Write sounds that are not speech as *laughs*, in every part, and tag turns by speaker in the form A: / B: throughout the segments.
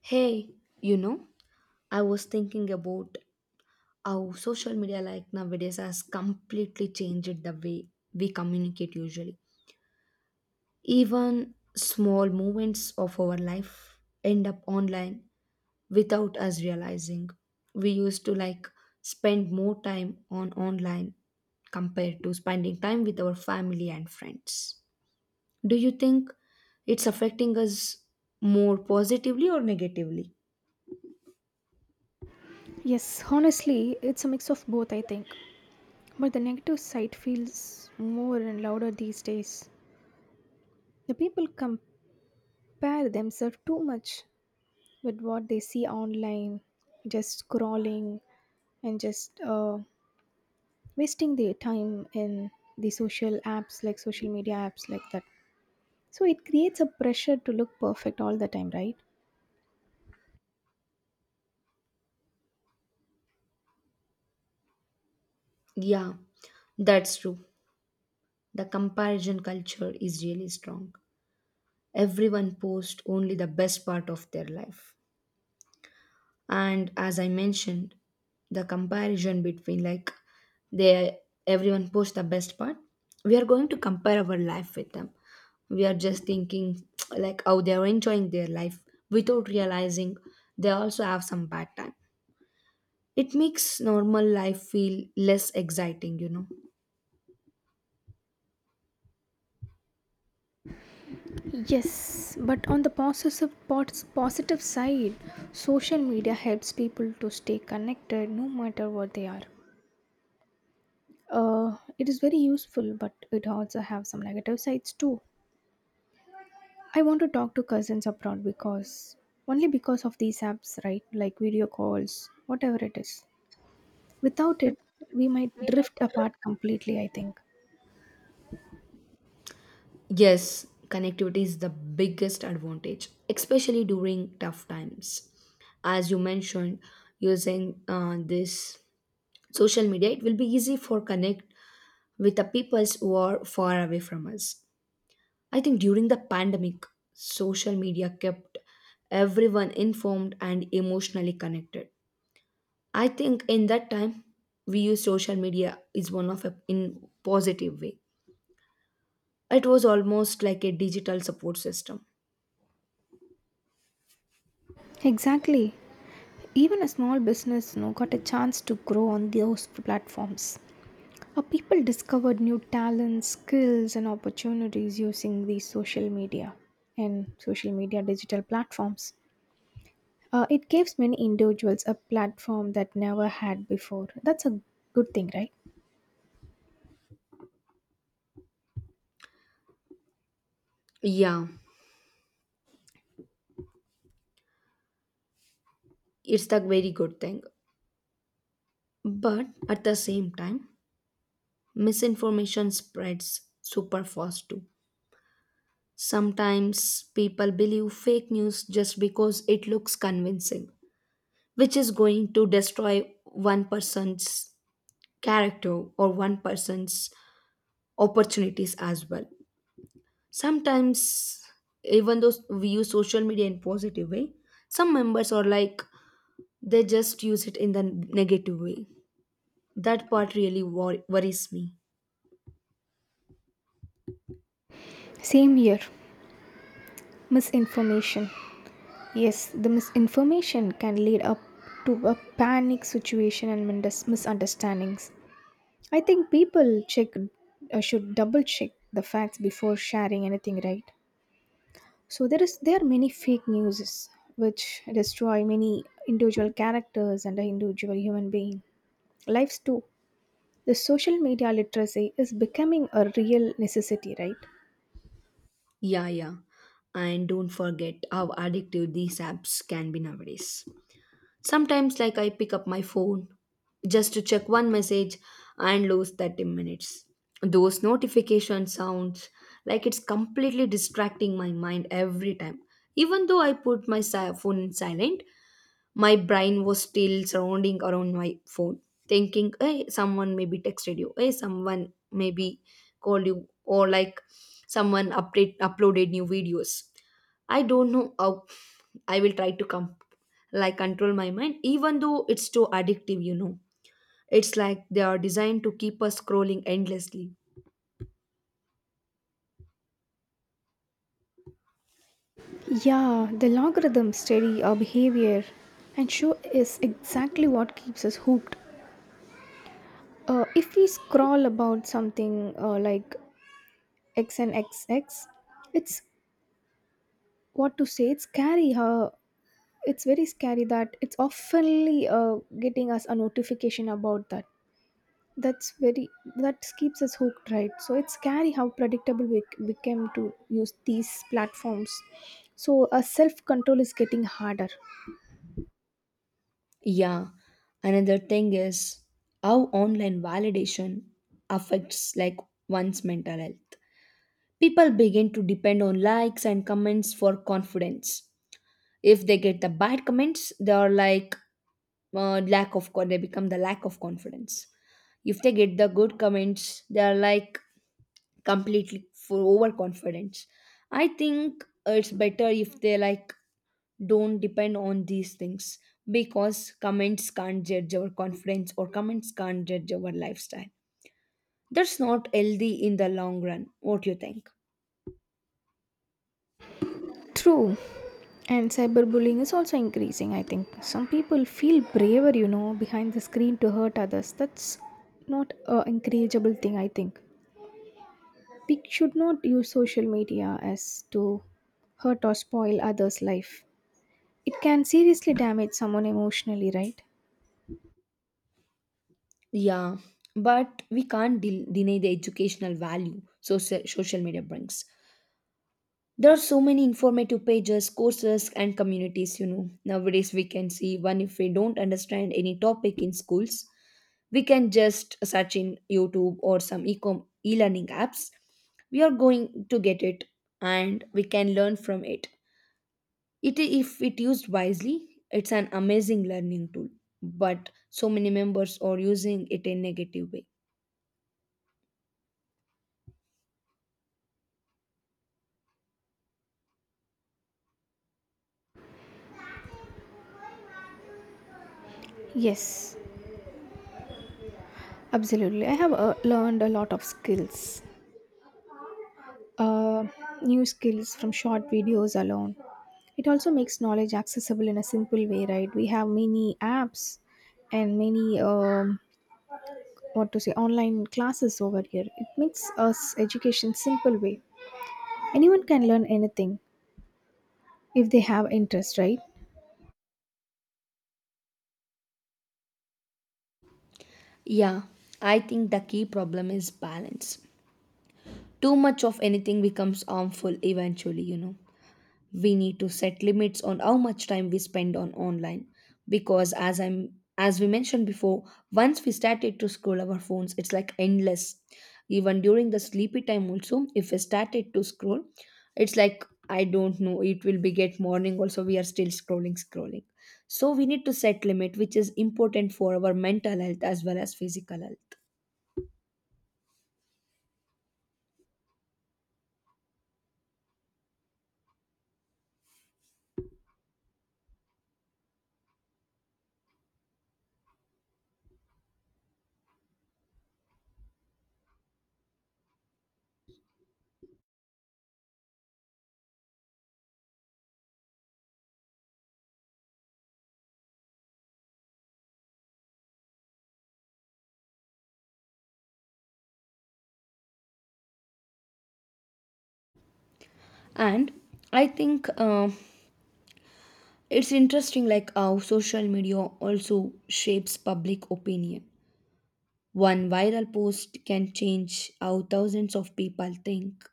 A: Hey, you know, I was thinking about how social media like nowadays has completely changed the way we communicate usually. Even small moments of our life end up online without us realizing. We used to like spend more time on online compared to spending time with our family and friends. Do you think it's affecting us more positively or negatively?
B: Yes, honestly, it's a mix of both, I think. But the negative side feels more and louder these days. The people compare themselves too much with what they see online, just scrolling and just wasting their time in the social apps like social media apps like that. So it creates a pressure to look perfect all the time, right?
A: Yeah, that's true. The comparison culture is really strong. Everyone posts only the best part of their life. And as I mentioned, the comparison between like they everyone posts the best part, we are going to compare our life with them. We are just thinking *tsk* like how they are enjoying their life without realizing they also have some bad time. It makes normal life feel less exciting, you know.
B: Yes, but on the positive side, social media helps people to stay connected no matter what they are. It is very useful, but it also have some negative sides too. I want to talk to cousins abroad because only because of these apps, right? Like video calls, whatever it is. Without it, we might drift apart completely. I think.
A: Yes, connectivity is the biggest advantage, especially during tough times. As you mentioned, using this social media, it will be easy for connect with the peoples who are far away from us. I think during the pandemic, social media kept everyone informed and emotionally connected. I think in that time, we use social media is one of a in positive way. It was almost like a digital support system.
B: Exactly. Even a small business, you know, got a chance to grow on those platforms. How people discovered new talents, skills, and opportunities using these social media and social media digital platforms. It gives many individuals a platform that never had before. That's a good thing, right?
A: Yeah. It's the very good thing. But at the same time, misinformation spreads super fast too. Sometimes people believe fake news just because it looks convincing, which is going to destroy one person's character or one person's opportunities as well. Sometimes, even though we use social media in positive way, some members are like they just use it in the negative way. That part really worries me.
B: Same here, misinformation. Yes, the misinformation can lead up to a panic situation and misunderstandings. I think people check should double check the facts before sharing anything, right? So there are many fake news which destroy many individual characters and the individual human being lives too. The social media literacy is becoming a real necessity, right?
A: Yeah, yeah. And don't forget how addictive these apps can be nowadays. Sometimes, like, I pick up my phone just to check one message and lose 30 minutes. Those notification sounds like it's completely distracting my mind every time. Even though I put my phone in silent, my brain was still surrounding around my phone thinking, hey, someone maybe texted you, hey, someone maybe called you, or like someone update uploaded new videos. I don't know how I will try to come like control my mind, even though it's too addictive, you know. It's like they are designed to keep us scrolling endlessly.
B: Yeah, the logarithm study our behavior and show is exactly what keeps us hooked. If we scroll about something like x and X X, it's, what to say, it's scary how, it's very scary that it's oftenly getting us a notification about that. That's very, that keeps us hooked, right? So it's scary how predictable we became to use these platforms. So self-control is getting harder.
A: Yeah, another thing is how online validation affects like one's mental health. People begin to depend on likes and comments for confidence. If they get the bad comments, they are like they become the lack of confidence. If they get the good comments, they are like completely for overconfidence. I think it's better if they like don't depend on these things because comments can't judge our confidence or comments can't judge our lifestyle. That's not healthy in the long run. What do you think?
B: True. And cyberbullying is also increasing, I think. Some people feel braver, you know, behind the screen to hurt others. That's not a encourageable thing, I think. We should not use social media as to hurt or spoil others' life. It can seriously damage someone emotionally, right?
A: Yeah, but we can't deny the educational value social media brings. There are so many informative pages, courses, and communities, you know. Nowadays, we can see one if we don't understand any topic in schools, we can just search in YouTube or some e e-learning apps. We are going to get it and we can learn from it. It if it used wisely, it's an amazing learning tool, but so many members are using it in negative way.
B: Yes, absolutely. I have learned a lot of skills, uh, new skills from short videos alone. It also makes knowledge accessible in a simple way, right? We have many apps and many what to say online classes over here. It makes us education simple way. Anyone can learn anything if they have interest, right?
A: Yeah, I think the key problem is balance. Too much of anything becomes harmful eventually, you know. We need to set limits on how much time we spend on online because as I'm as we mentioned before, once we started to scroll our phones, it's like endless. Even during the sleepy time also, if we started to scroll, it's like I don't know, it will be get morning also we are still scrolling. So we need to set limit which is important for our mental health as well as physical health. And I think it's interesting like how social media also shapes public opinion. One viral post can change how thousands of people think.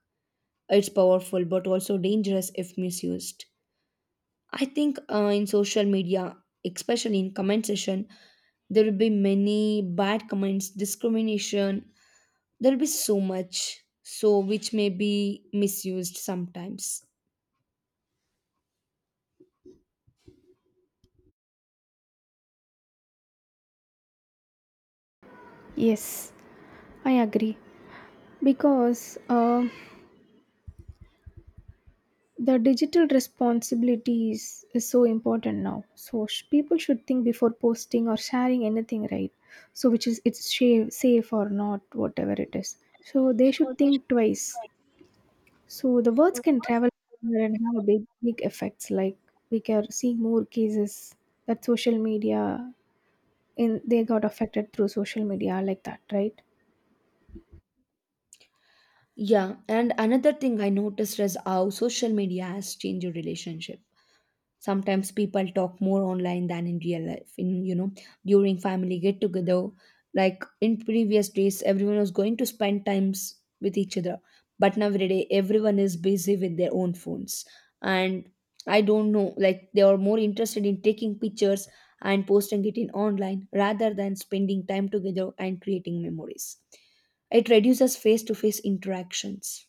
A: It's powerful but also dangerous if misused. I think in social media, especially in comment section, there will be many bad comments, discrimination, there will be so much so which may be misused sometimes.
B: Yes, I agree because. The digital responsibilities is so important now, so people should think before posting or sharing anything, right? So which is it's safe or not, whatever it is, so they should think twice. So the words can travel further and have a big big effects, like we can see more cases that social media, in they got affected through social media like that, right?
A: Yeah, and another thing I noticed is how social media has changed your relationship. Sometimes people talk more online than in real life, in you know, during family get together, like in previous days everyone was going to spend times with each other, but nowadays everyone is busy with their own phones. And I don't know, like they are more interested in taking pictures and posting it in online rather than spending time together and creating memories. It reduces face to face interactions.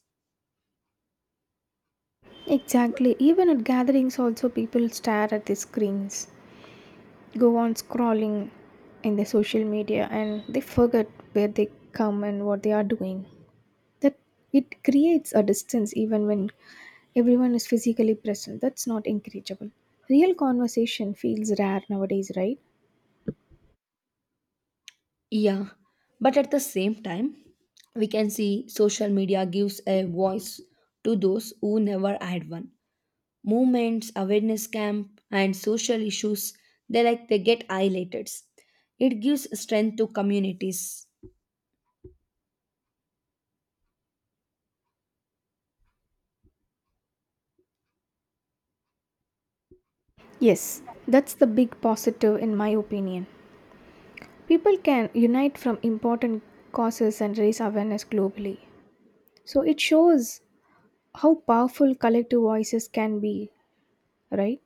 B: Exactly, even at gatherings also people stare at the screens, go on scrolling in their social media and they forget where they come and what they are doing. That, it creates a distance even when everyone is physically present. That's not encourageable. Real conversation feels rare nowadays, right?
A: Yeah, but at the same time, we can see social media gives a voice to those who never had one. Movements, awareness camp, and social issues they like they get highlighted. It gives strength to communities.
B: Yes, that's the big positive in my opinion. People can unite from important causes and raise awareness globally. So it shows how powerful collective voices can be, right?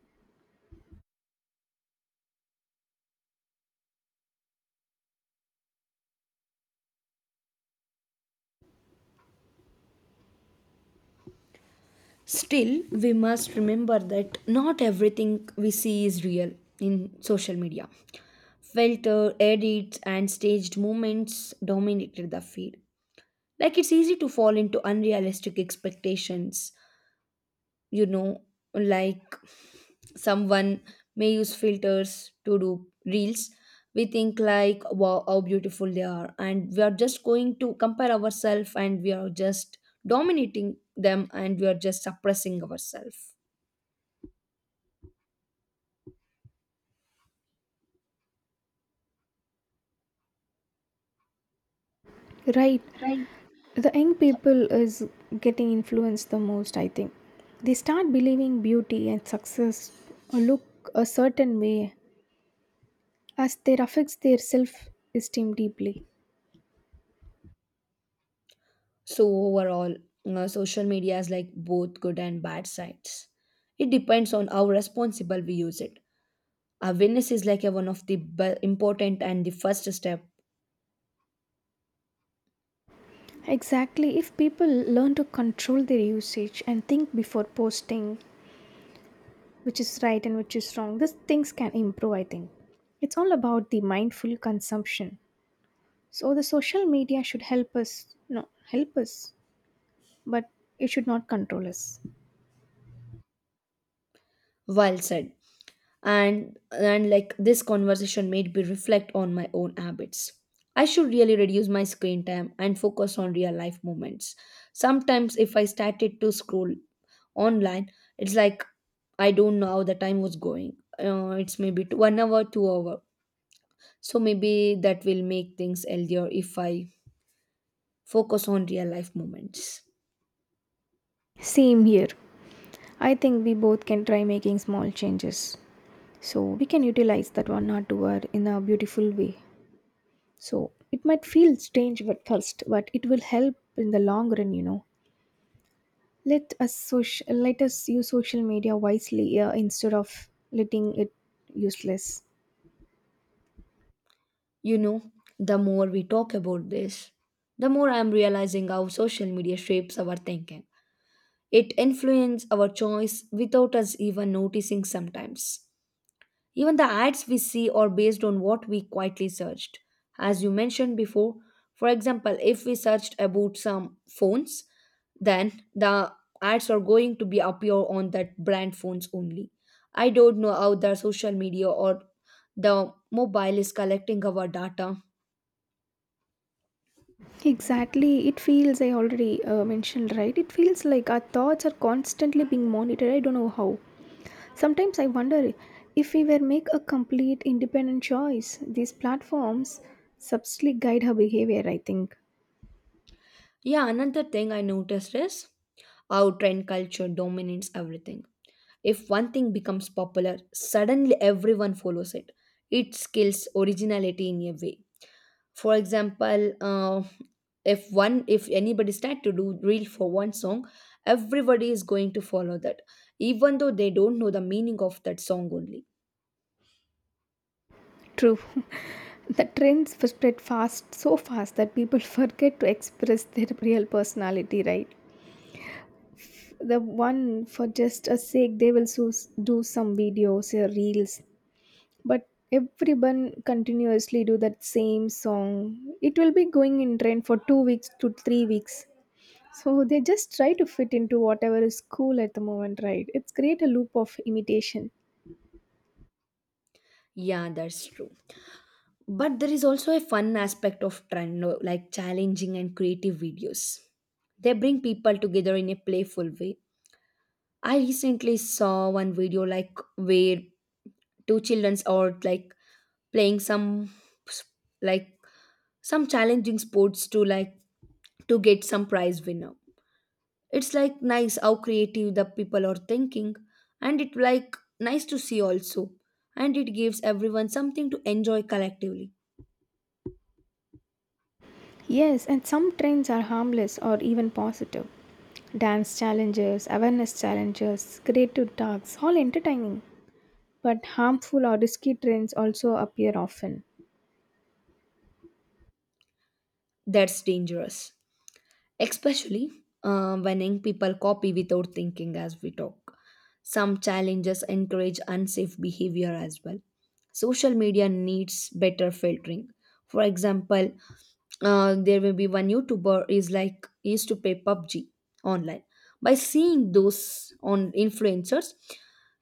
A: Still, we must remember that not everything we see is real in social media. Filter, edits, and staged movements dominated the feed. Like it's easy to fall into unrealistic expectations, you know, like someone may use filters to do reels. We think like, wow, how beautiful they are, and we are just going to compare ourselves, and we are just dominating them, and we are just suppressing ourselves.
B: Right, the young people is getting influenced the most, I think. They start believing beauty and success look a certain way, as they affects their self esteem deeply.
A: So overall, social media is like both good and bad sides. It depends on how responsible we use it. Awareness is like a one of the important and the first step.
B: Exactly, if people learn to control their usage and think before posting, which is right and which is wrong, these things can improve, I think. It's all about the mindful consumption. So the social media should help us, no, help us, but it should not control us.
A: Well said. And like this conversation made me reflect on my own habits. I should really reduce my screen time and focus on real life moments. Sometimes if I started to scroll online, it's like I don't know how the time was going. It's maybe two, one hour two hour, so maybe that will make things healthier if I focus on real life moments.
B: Same here, I think we both can try making small changes. So we can utilize that 1 or 2 hour in a beautiful way. So it might feel strange at first, but it will help in the long run, you know. Let us use social media wisely instead of letting it useless.
A: You know, the more we talk about this, the more I'm realizing how social media shapes our thinking. It influences our choice without us even noticing sometimes. Even the ads we see are based on what we quietly searched. As you mentioned before, for example, if we searched about some phones, then the ads are going to be appear on that brand phones only. I don't know how the social media or the mobile is collecting our data.
B: Exactly. It feels, I already mentioned, right? It feels like our thoughts are constantly being monitored. I don't know how. Sometimes I wonder if we were make a complete independent choice, these platforms subtly guide her behavior, I think.
A: Yeah, another thing I noticed is how trend culture dominates everything. If one thing becomes popular, suddenly everyone follows it. It kills originality in a way. For example, if one if anybody start to do reel for one song, everybody is going to follow that, even though they don't know the meaning of that song only.
B: True. *laughs* The trends spread fast, so fast that people *laughs* forget to express their real personality, right? The one for just a sake, they will do some videos or reels, but everyone continuously do that same song. It will be going in trend for 2 weeks to 3 weeks. So they just try to fit into whatever is cool at the moment, right? It's create a loop of imitation.
A: Yeah, that's true. But there is also a fun aspect of trend, no, like challenging and creative videos. They bring people together in a playful way. I recently saw one video like where two childrens or like playing some s- like some challenging sports to like to get some prize winner. It's like nice how creative the people are thinking, and it like nice to see also, and it gives everyone something to enjoy collectively.
B: Yes, and some trends are harmless or even positive. Dance challenges, awareness challenges, creative talks, all entertaining. But harmful or risky trends also appear often.
A: That's dangerous, especially when young people copy without thinking as we talk. Some challenges encourage unsafe behavior as well. Social media needs better filtering. For example, there will be one YouTuber is like he used to play PUBG online. By seeing those on influencers,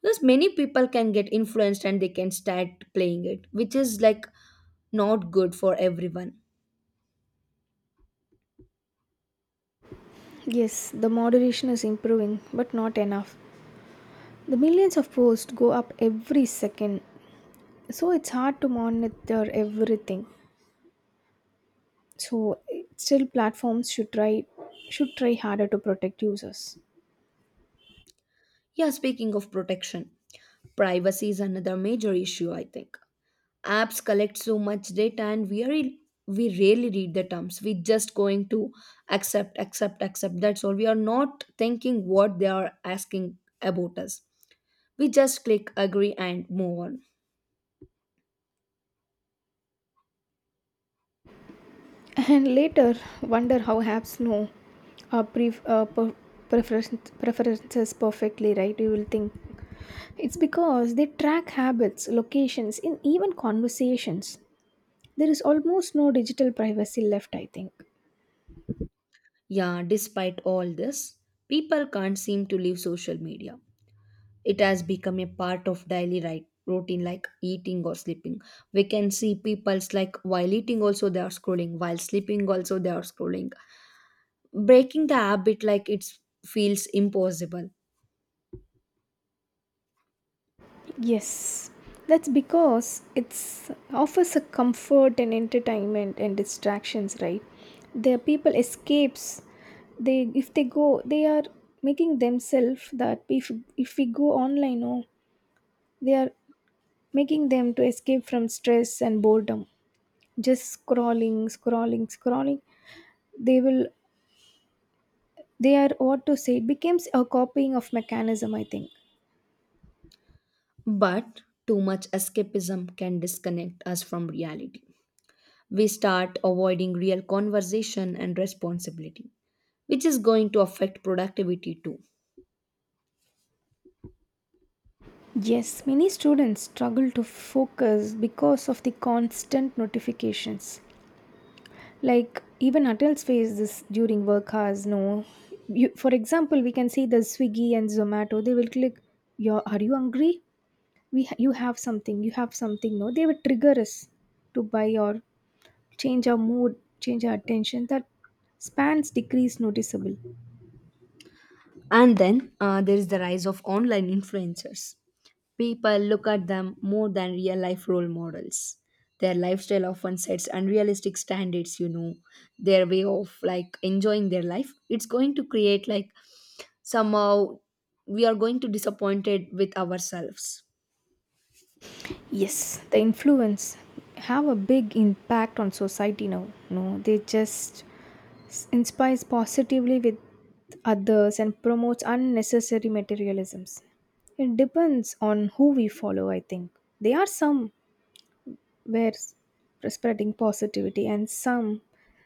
A: there's many people can get influenced and they can start playing it, which is like not good for everyone.
B: Yes, the moderation is improving but not enough. The millions of posts go up every second, so it's hard to monitor everything. So still platforms should try harder to protect users.
A: Yeah, speaking of protection, privacy is another major issue, I think. Apps collect so much data and we rarely read the terms. We just going to accept, accept, accept. That's all. We are not thinking what they are asking about us. We just click agree and move on.
B: And later wonder how apps know our preferences perfectly, right? You will think it's because they track habits, locations, and even conversations. There is almost no digital privacy left, I think.
A: Yeah, despite all this, people can't seem to leave social media. It has become a part of daily right routine like eating or sleeping. We can see people's like while eating also they are scrolling, while sleeping also they are scrolling. Breaking the habit like it feels impossible.
B: Yes, that's because it's offers a comfort and entertainment and distractions, right? The people escapes. They if they go, they are making themselves that if we go online, no, they are making them to escape from stress and boredom. Just scrolling, scrolling, scrolling. They will. They are, what to say, it becomes a copying of mechanism, I think.
A: But too much escapism can disconnect us from reality. We start avoiding real conversation and responsibility, which is going to affect productivity too.
B: Yes, many students struggle to focus because of the constant notifications. Like even adults face this during work hours. No, you, for example, we can see the Swiggy and Zomato. They will click, "Your are you hungry? You have something. You have something." No, they will trigger us to buy or change our mood, change our attention. That spans decrease noticeable.
A: And then there is the rise of online influencers. People look at them more than real life role models. Their lifestyle often sets unrealistic standards, you know, their way of like enjoying their life. It's going to create like somehow we are going to disappointed with ourselves.
B: Yes, the influence have a big impact on society now. No, they just inspires positively with others and promotes unnecessary materialisms. It depends on who we follow, I think. There are some where spreading positivity and some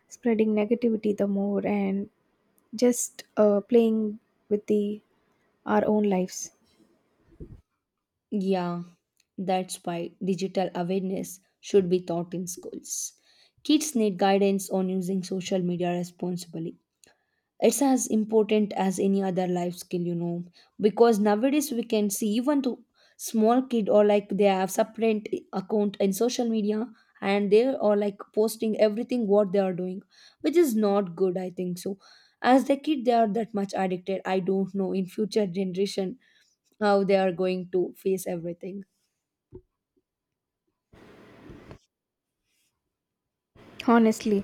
B: spreading negativity the more and just playing with the our own lives.
A: Yeah, that's why digital awareness should be taught in schools. Kids need guidance on using social media responsibly. It's as important as any other life skill, you know, because nowadays we can see even to small kid, or like they have separate account in social media and they are like posting everything what they are doing, which is not good I think so. As the kid they are that much addicted, I don't know in future generation how they are going to face everything.
B: Honestly,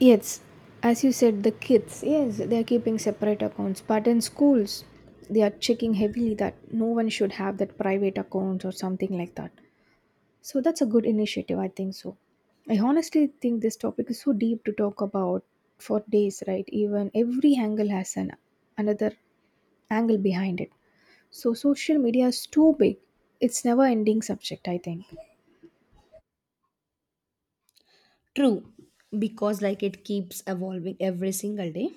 B: yes. As you said, the kids, yes, they are keeping separate accounts, but in schools, they are checking heavily that no one should have that private account or something like that. So that's a good initiative, I think so. I honestly think this topic is so deep to talk about for days, right? Even every angle has an another angle behind it. So social media is too big. It's never ending subject, I think.
A: True, because like it keeps evolving every single day.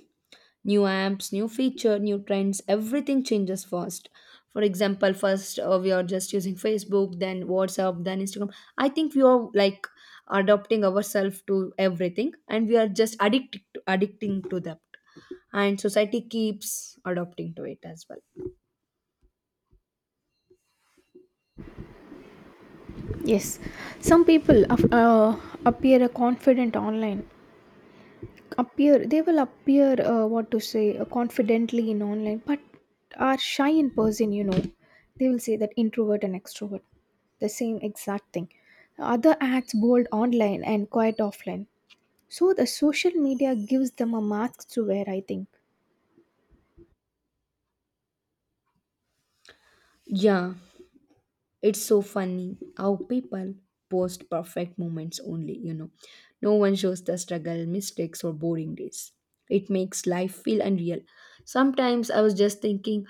A: New apps, new feature, new trends, everything changes fast. For example, first we are just using Facebook, then WhatsApp, then Instagram. I think we are like adopting ourselves to everything and we are just addicting to that, and society keeps adopting to it as well.
B: Yes, some people appear confident online, appear they will appear what to say, confidently in online but are shy in person, you know. They will say that introvert and extrovert, the same exact thing. Other acts bold online and quiet offline. So the social media gives them a mask to wear, I think.
A: Yeah. It's so funny how people post perfect moments only, you know. No one shows the struggle, mistakes, or boring days. It makes life feel unreal. Sometimes I was just thinking,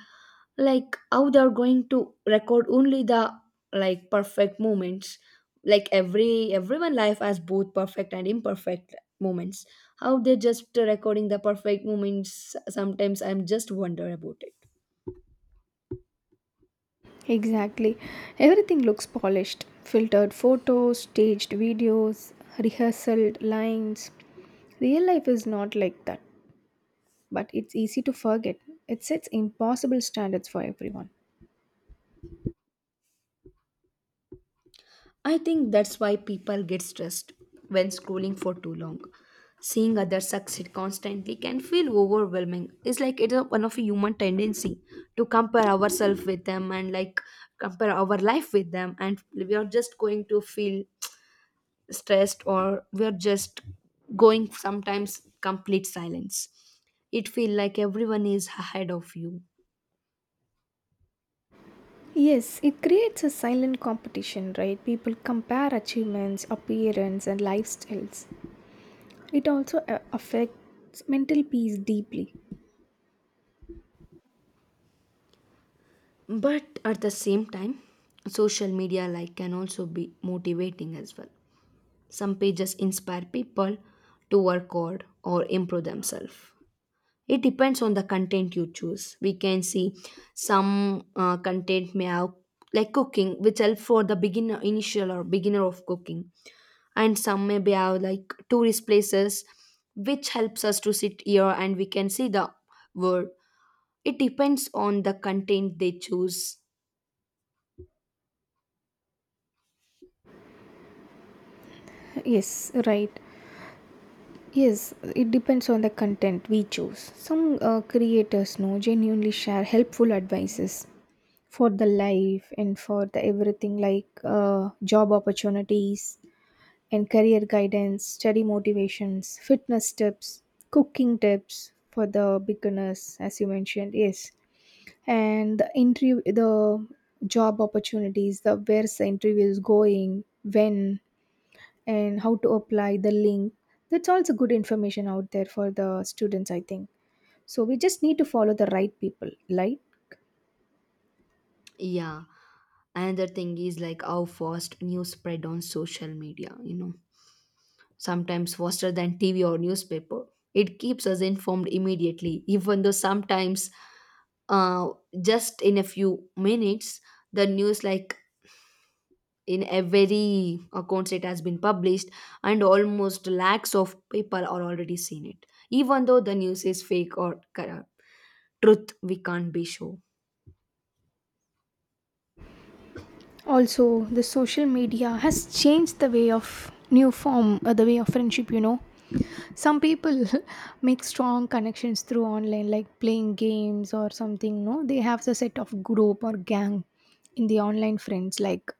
A: like, how they're going to record only the like perfect moments. Like everyone life has both perfect and imperfect moments. How they're just recording the perfect moments. Sometimes I'm just wonder about it.
B: Exactly, everything looks polished, filtered photos, staged videos, rehearsed lines. Real life is not like that, but it's easy to forget. It sets impossible standards for everyone.
A: I think that's why people get stressed when scrolling for too long. Seeing others succeed constantly can feel overwhelming. It's like one of a human tendency to compare ourselves with them, and like compare our life with them, and we are just going to feel stressed, or we are just going sometimes complete silence. It feel like everyone is ahead of you.
B: Yes, it creates a silent competition, right? People compare achievements, appearance, and lifestyles. It also affects mental peace deeply.
A: But at the same time, social media like can also be motivating as well. Some pages inspire people to work hard or improve themselves. It depends on the content you choose. We can see some content may have like cooking, which help for the beginner, initial or beginner of cooking, and some may be have like tourist places, which helps us to sit here and we can see the world. It depends on the content they choose.
B: Yes, right. Yes, it depends on the content we choose. Some creators know genuinely share helpful advices for the life and for the everything like job opportunities and career guidance, study motivations, fitness tips, cooking tips for the beginners, as you mentioned, yes. And the interview, the job opportunities, the where's the interview is going, when, and how to apply the link. That's also good information out there for the students, I think. So we just need to follow the right people, right?
A: Yeah, another thing is like how fast news spread on social media. You know sometimes faster than TV or newspaper. It keeps us informed immediately, even though sometimes, uh, just in a few minutes, the news like in every account it has been published, and almost lakhs of people are already seen it. Even though the news is fake or corrupt, truth we can't be sure.
B: Also the social media has changed the way of new form the way of friendship, you know. Some people *laughs* make strong connections through online like playing games or something, no, they have the set of group or gang in the online friends like.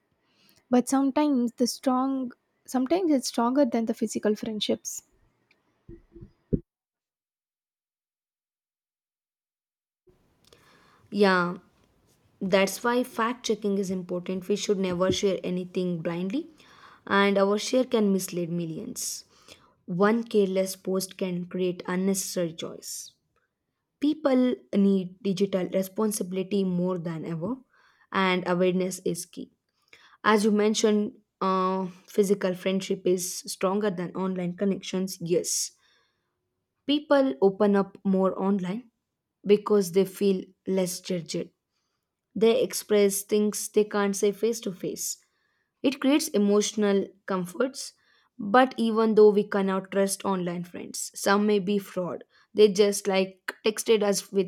B: But sometimes the strong, sometimes it's stronger than the physical friendships.
A: Yeah. That's why fact checking is important. We should never share anything blindly, and our share can mislead millions. One careless post can create unnecessary choice. People need digital responsibility more than ever, and awareness is key. As you mentioned, physical friendship is stronger than online connections. Yes, people open up more online because they feel less judged. They express things they can't say face to face. It creates emotional comforts, but even though we cannot trust online friends, some may be fraud. They just like texted us with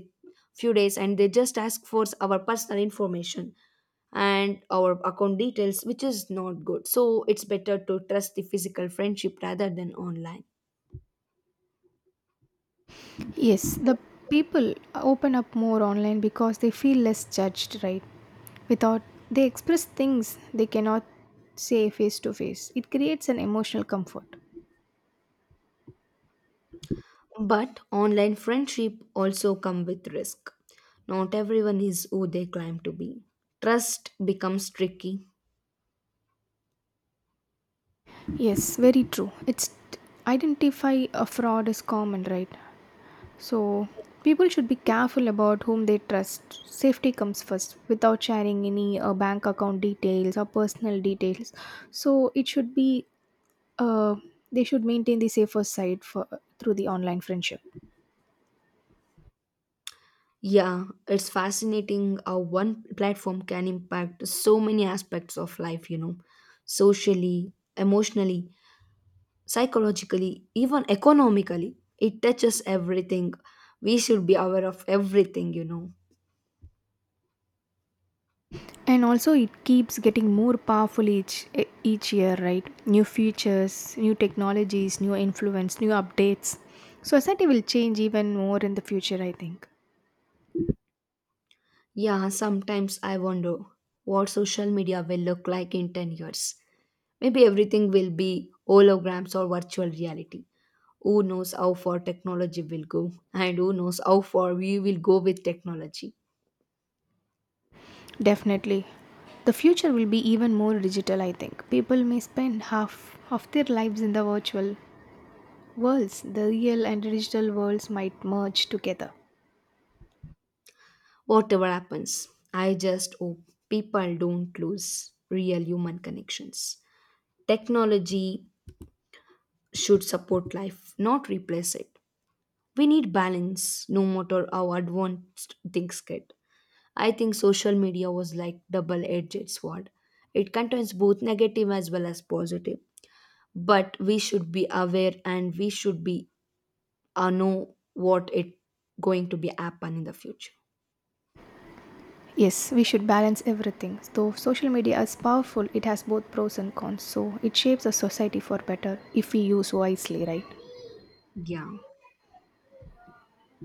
A: few days and they just ask for our personal information and our account details, which is not good. So it's better to trust the physical friendship rather than online.
B: Yes, the people open up more online because they feel less judged, right? Without, they express things they cannot say face to face. It creates an emotional comfort.
A: But online friendship also come with risk. Not everyone is who they claim to be. Trust becomes tricky.
B: Yes, very true. It's identify a fraud is common, right? So, people should be careful about whom they trust. Safety comes first without sharing any bank account details or personal details. So, it should be uh, they should maintain the safer side for through the online friendship.
A: Yeah, it's fascinating how one platform can impact so many aspects of life, you know, socially, emotionally, psychologically, even economically. It touches everything. We should be aware of everything, you know.
B: And also, it keeps getting more powerful each year, right? New features, new technologies, new influence, new updates. Society will change even more in the future, I think.
A: Yeah, sometimes I wonder what social media will look like in 10 years. Maybe everything will be holograms or virtual reality. Who knows how far technology will go, and who knows how far we will go with technology.
B: Definitely. The future will be even more digital, I think. People may spend half of their lives in the virtual worlds. The real and digital worlds might merge together.
A: Whatever happens, I just hope people don't lose real human connections. Technology should support life, not replace it. We need balance no matter how advanced things get. I think social media was like double edged sword. It contains both negative as well as positive, but we should be aware and we should be know what it going to be happen in the future.
B: Yes, we should balance everything. Though social media is powerful, it has both pros and cons, so it shapes a society for better if we use wisely, right?
A: Yeah.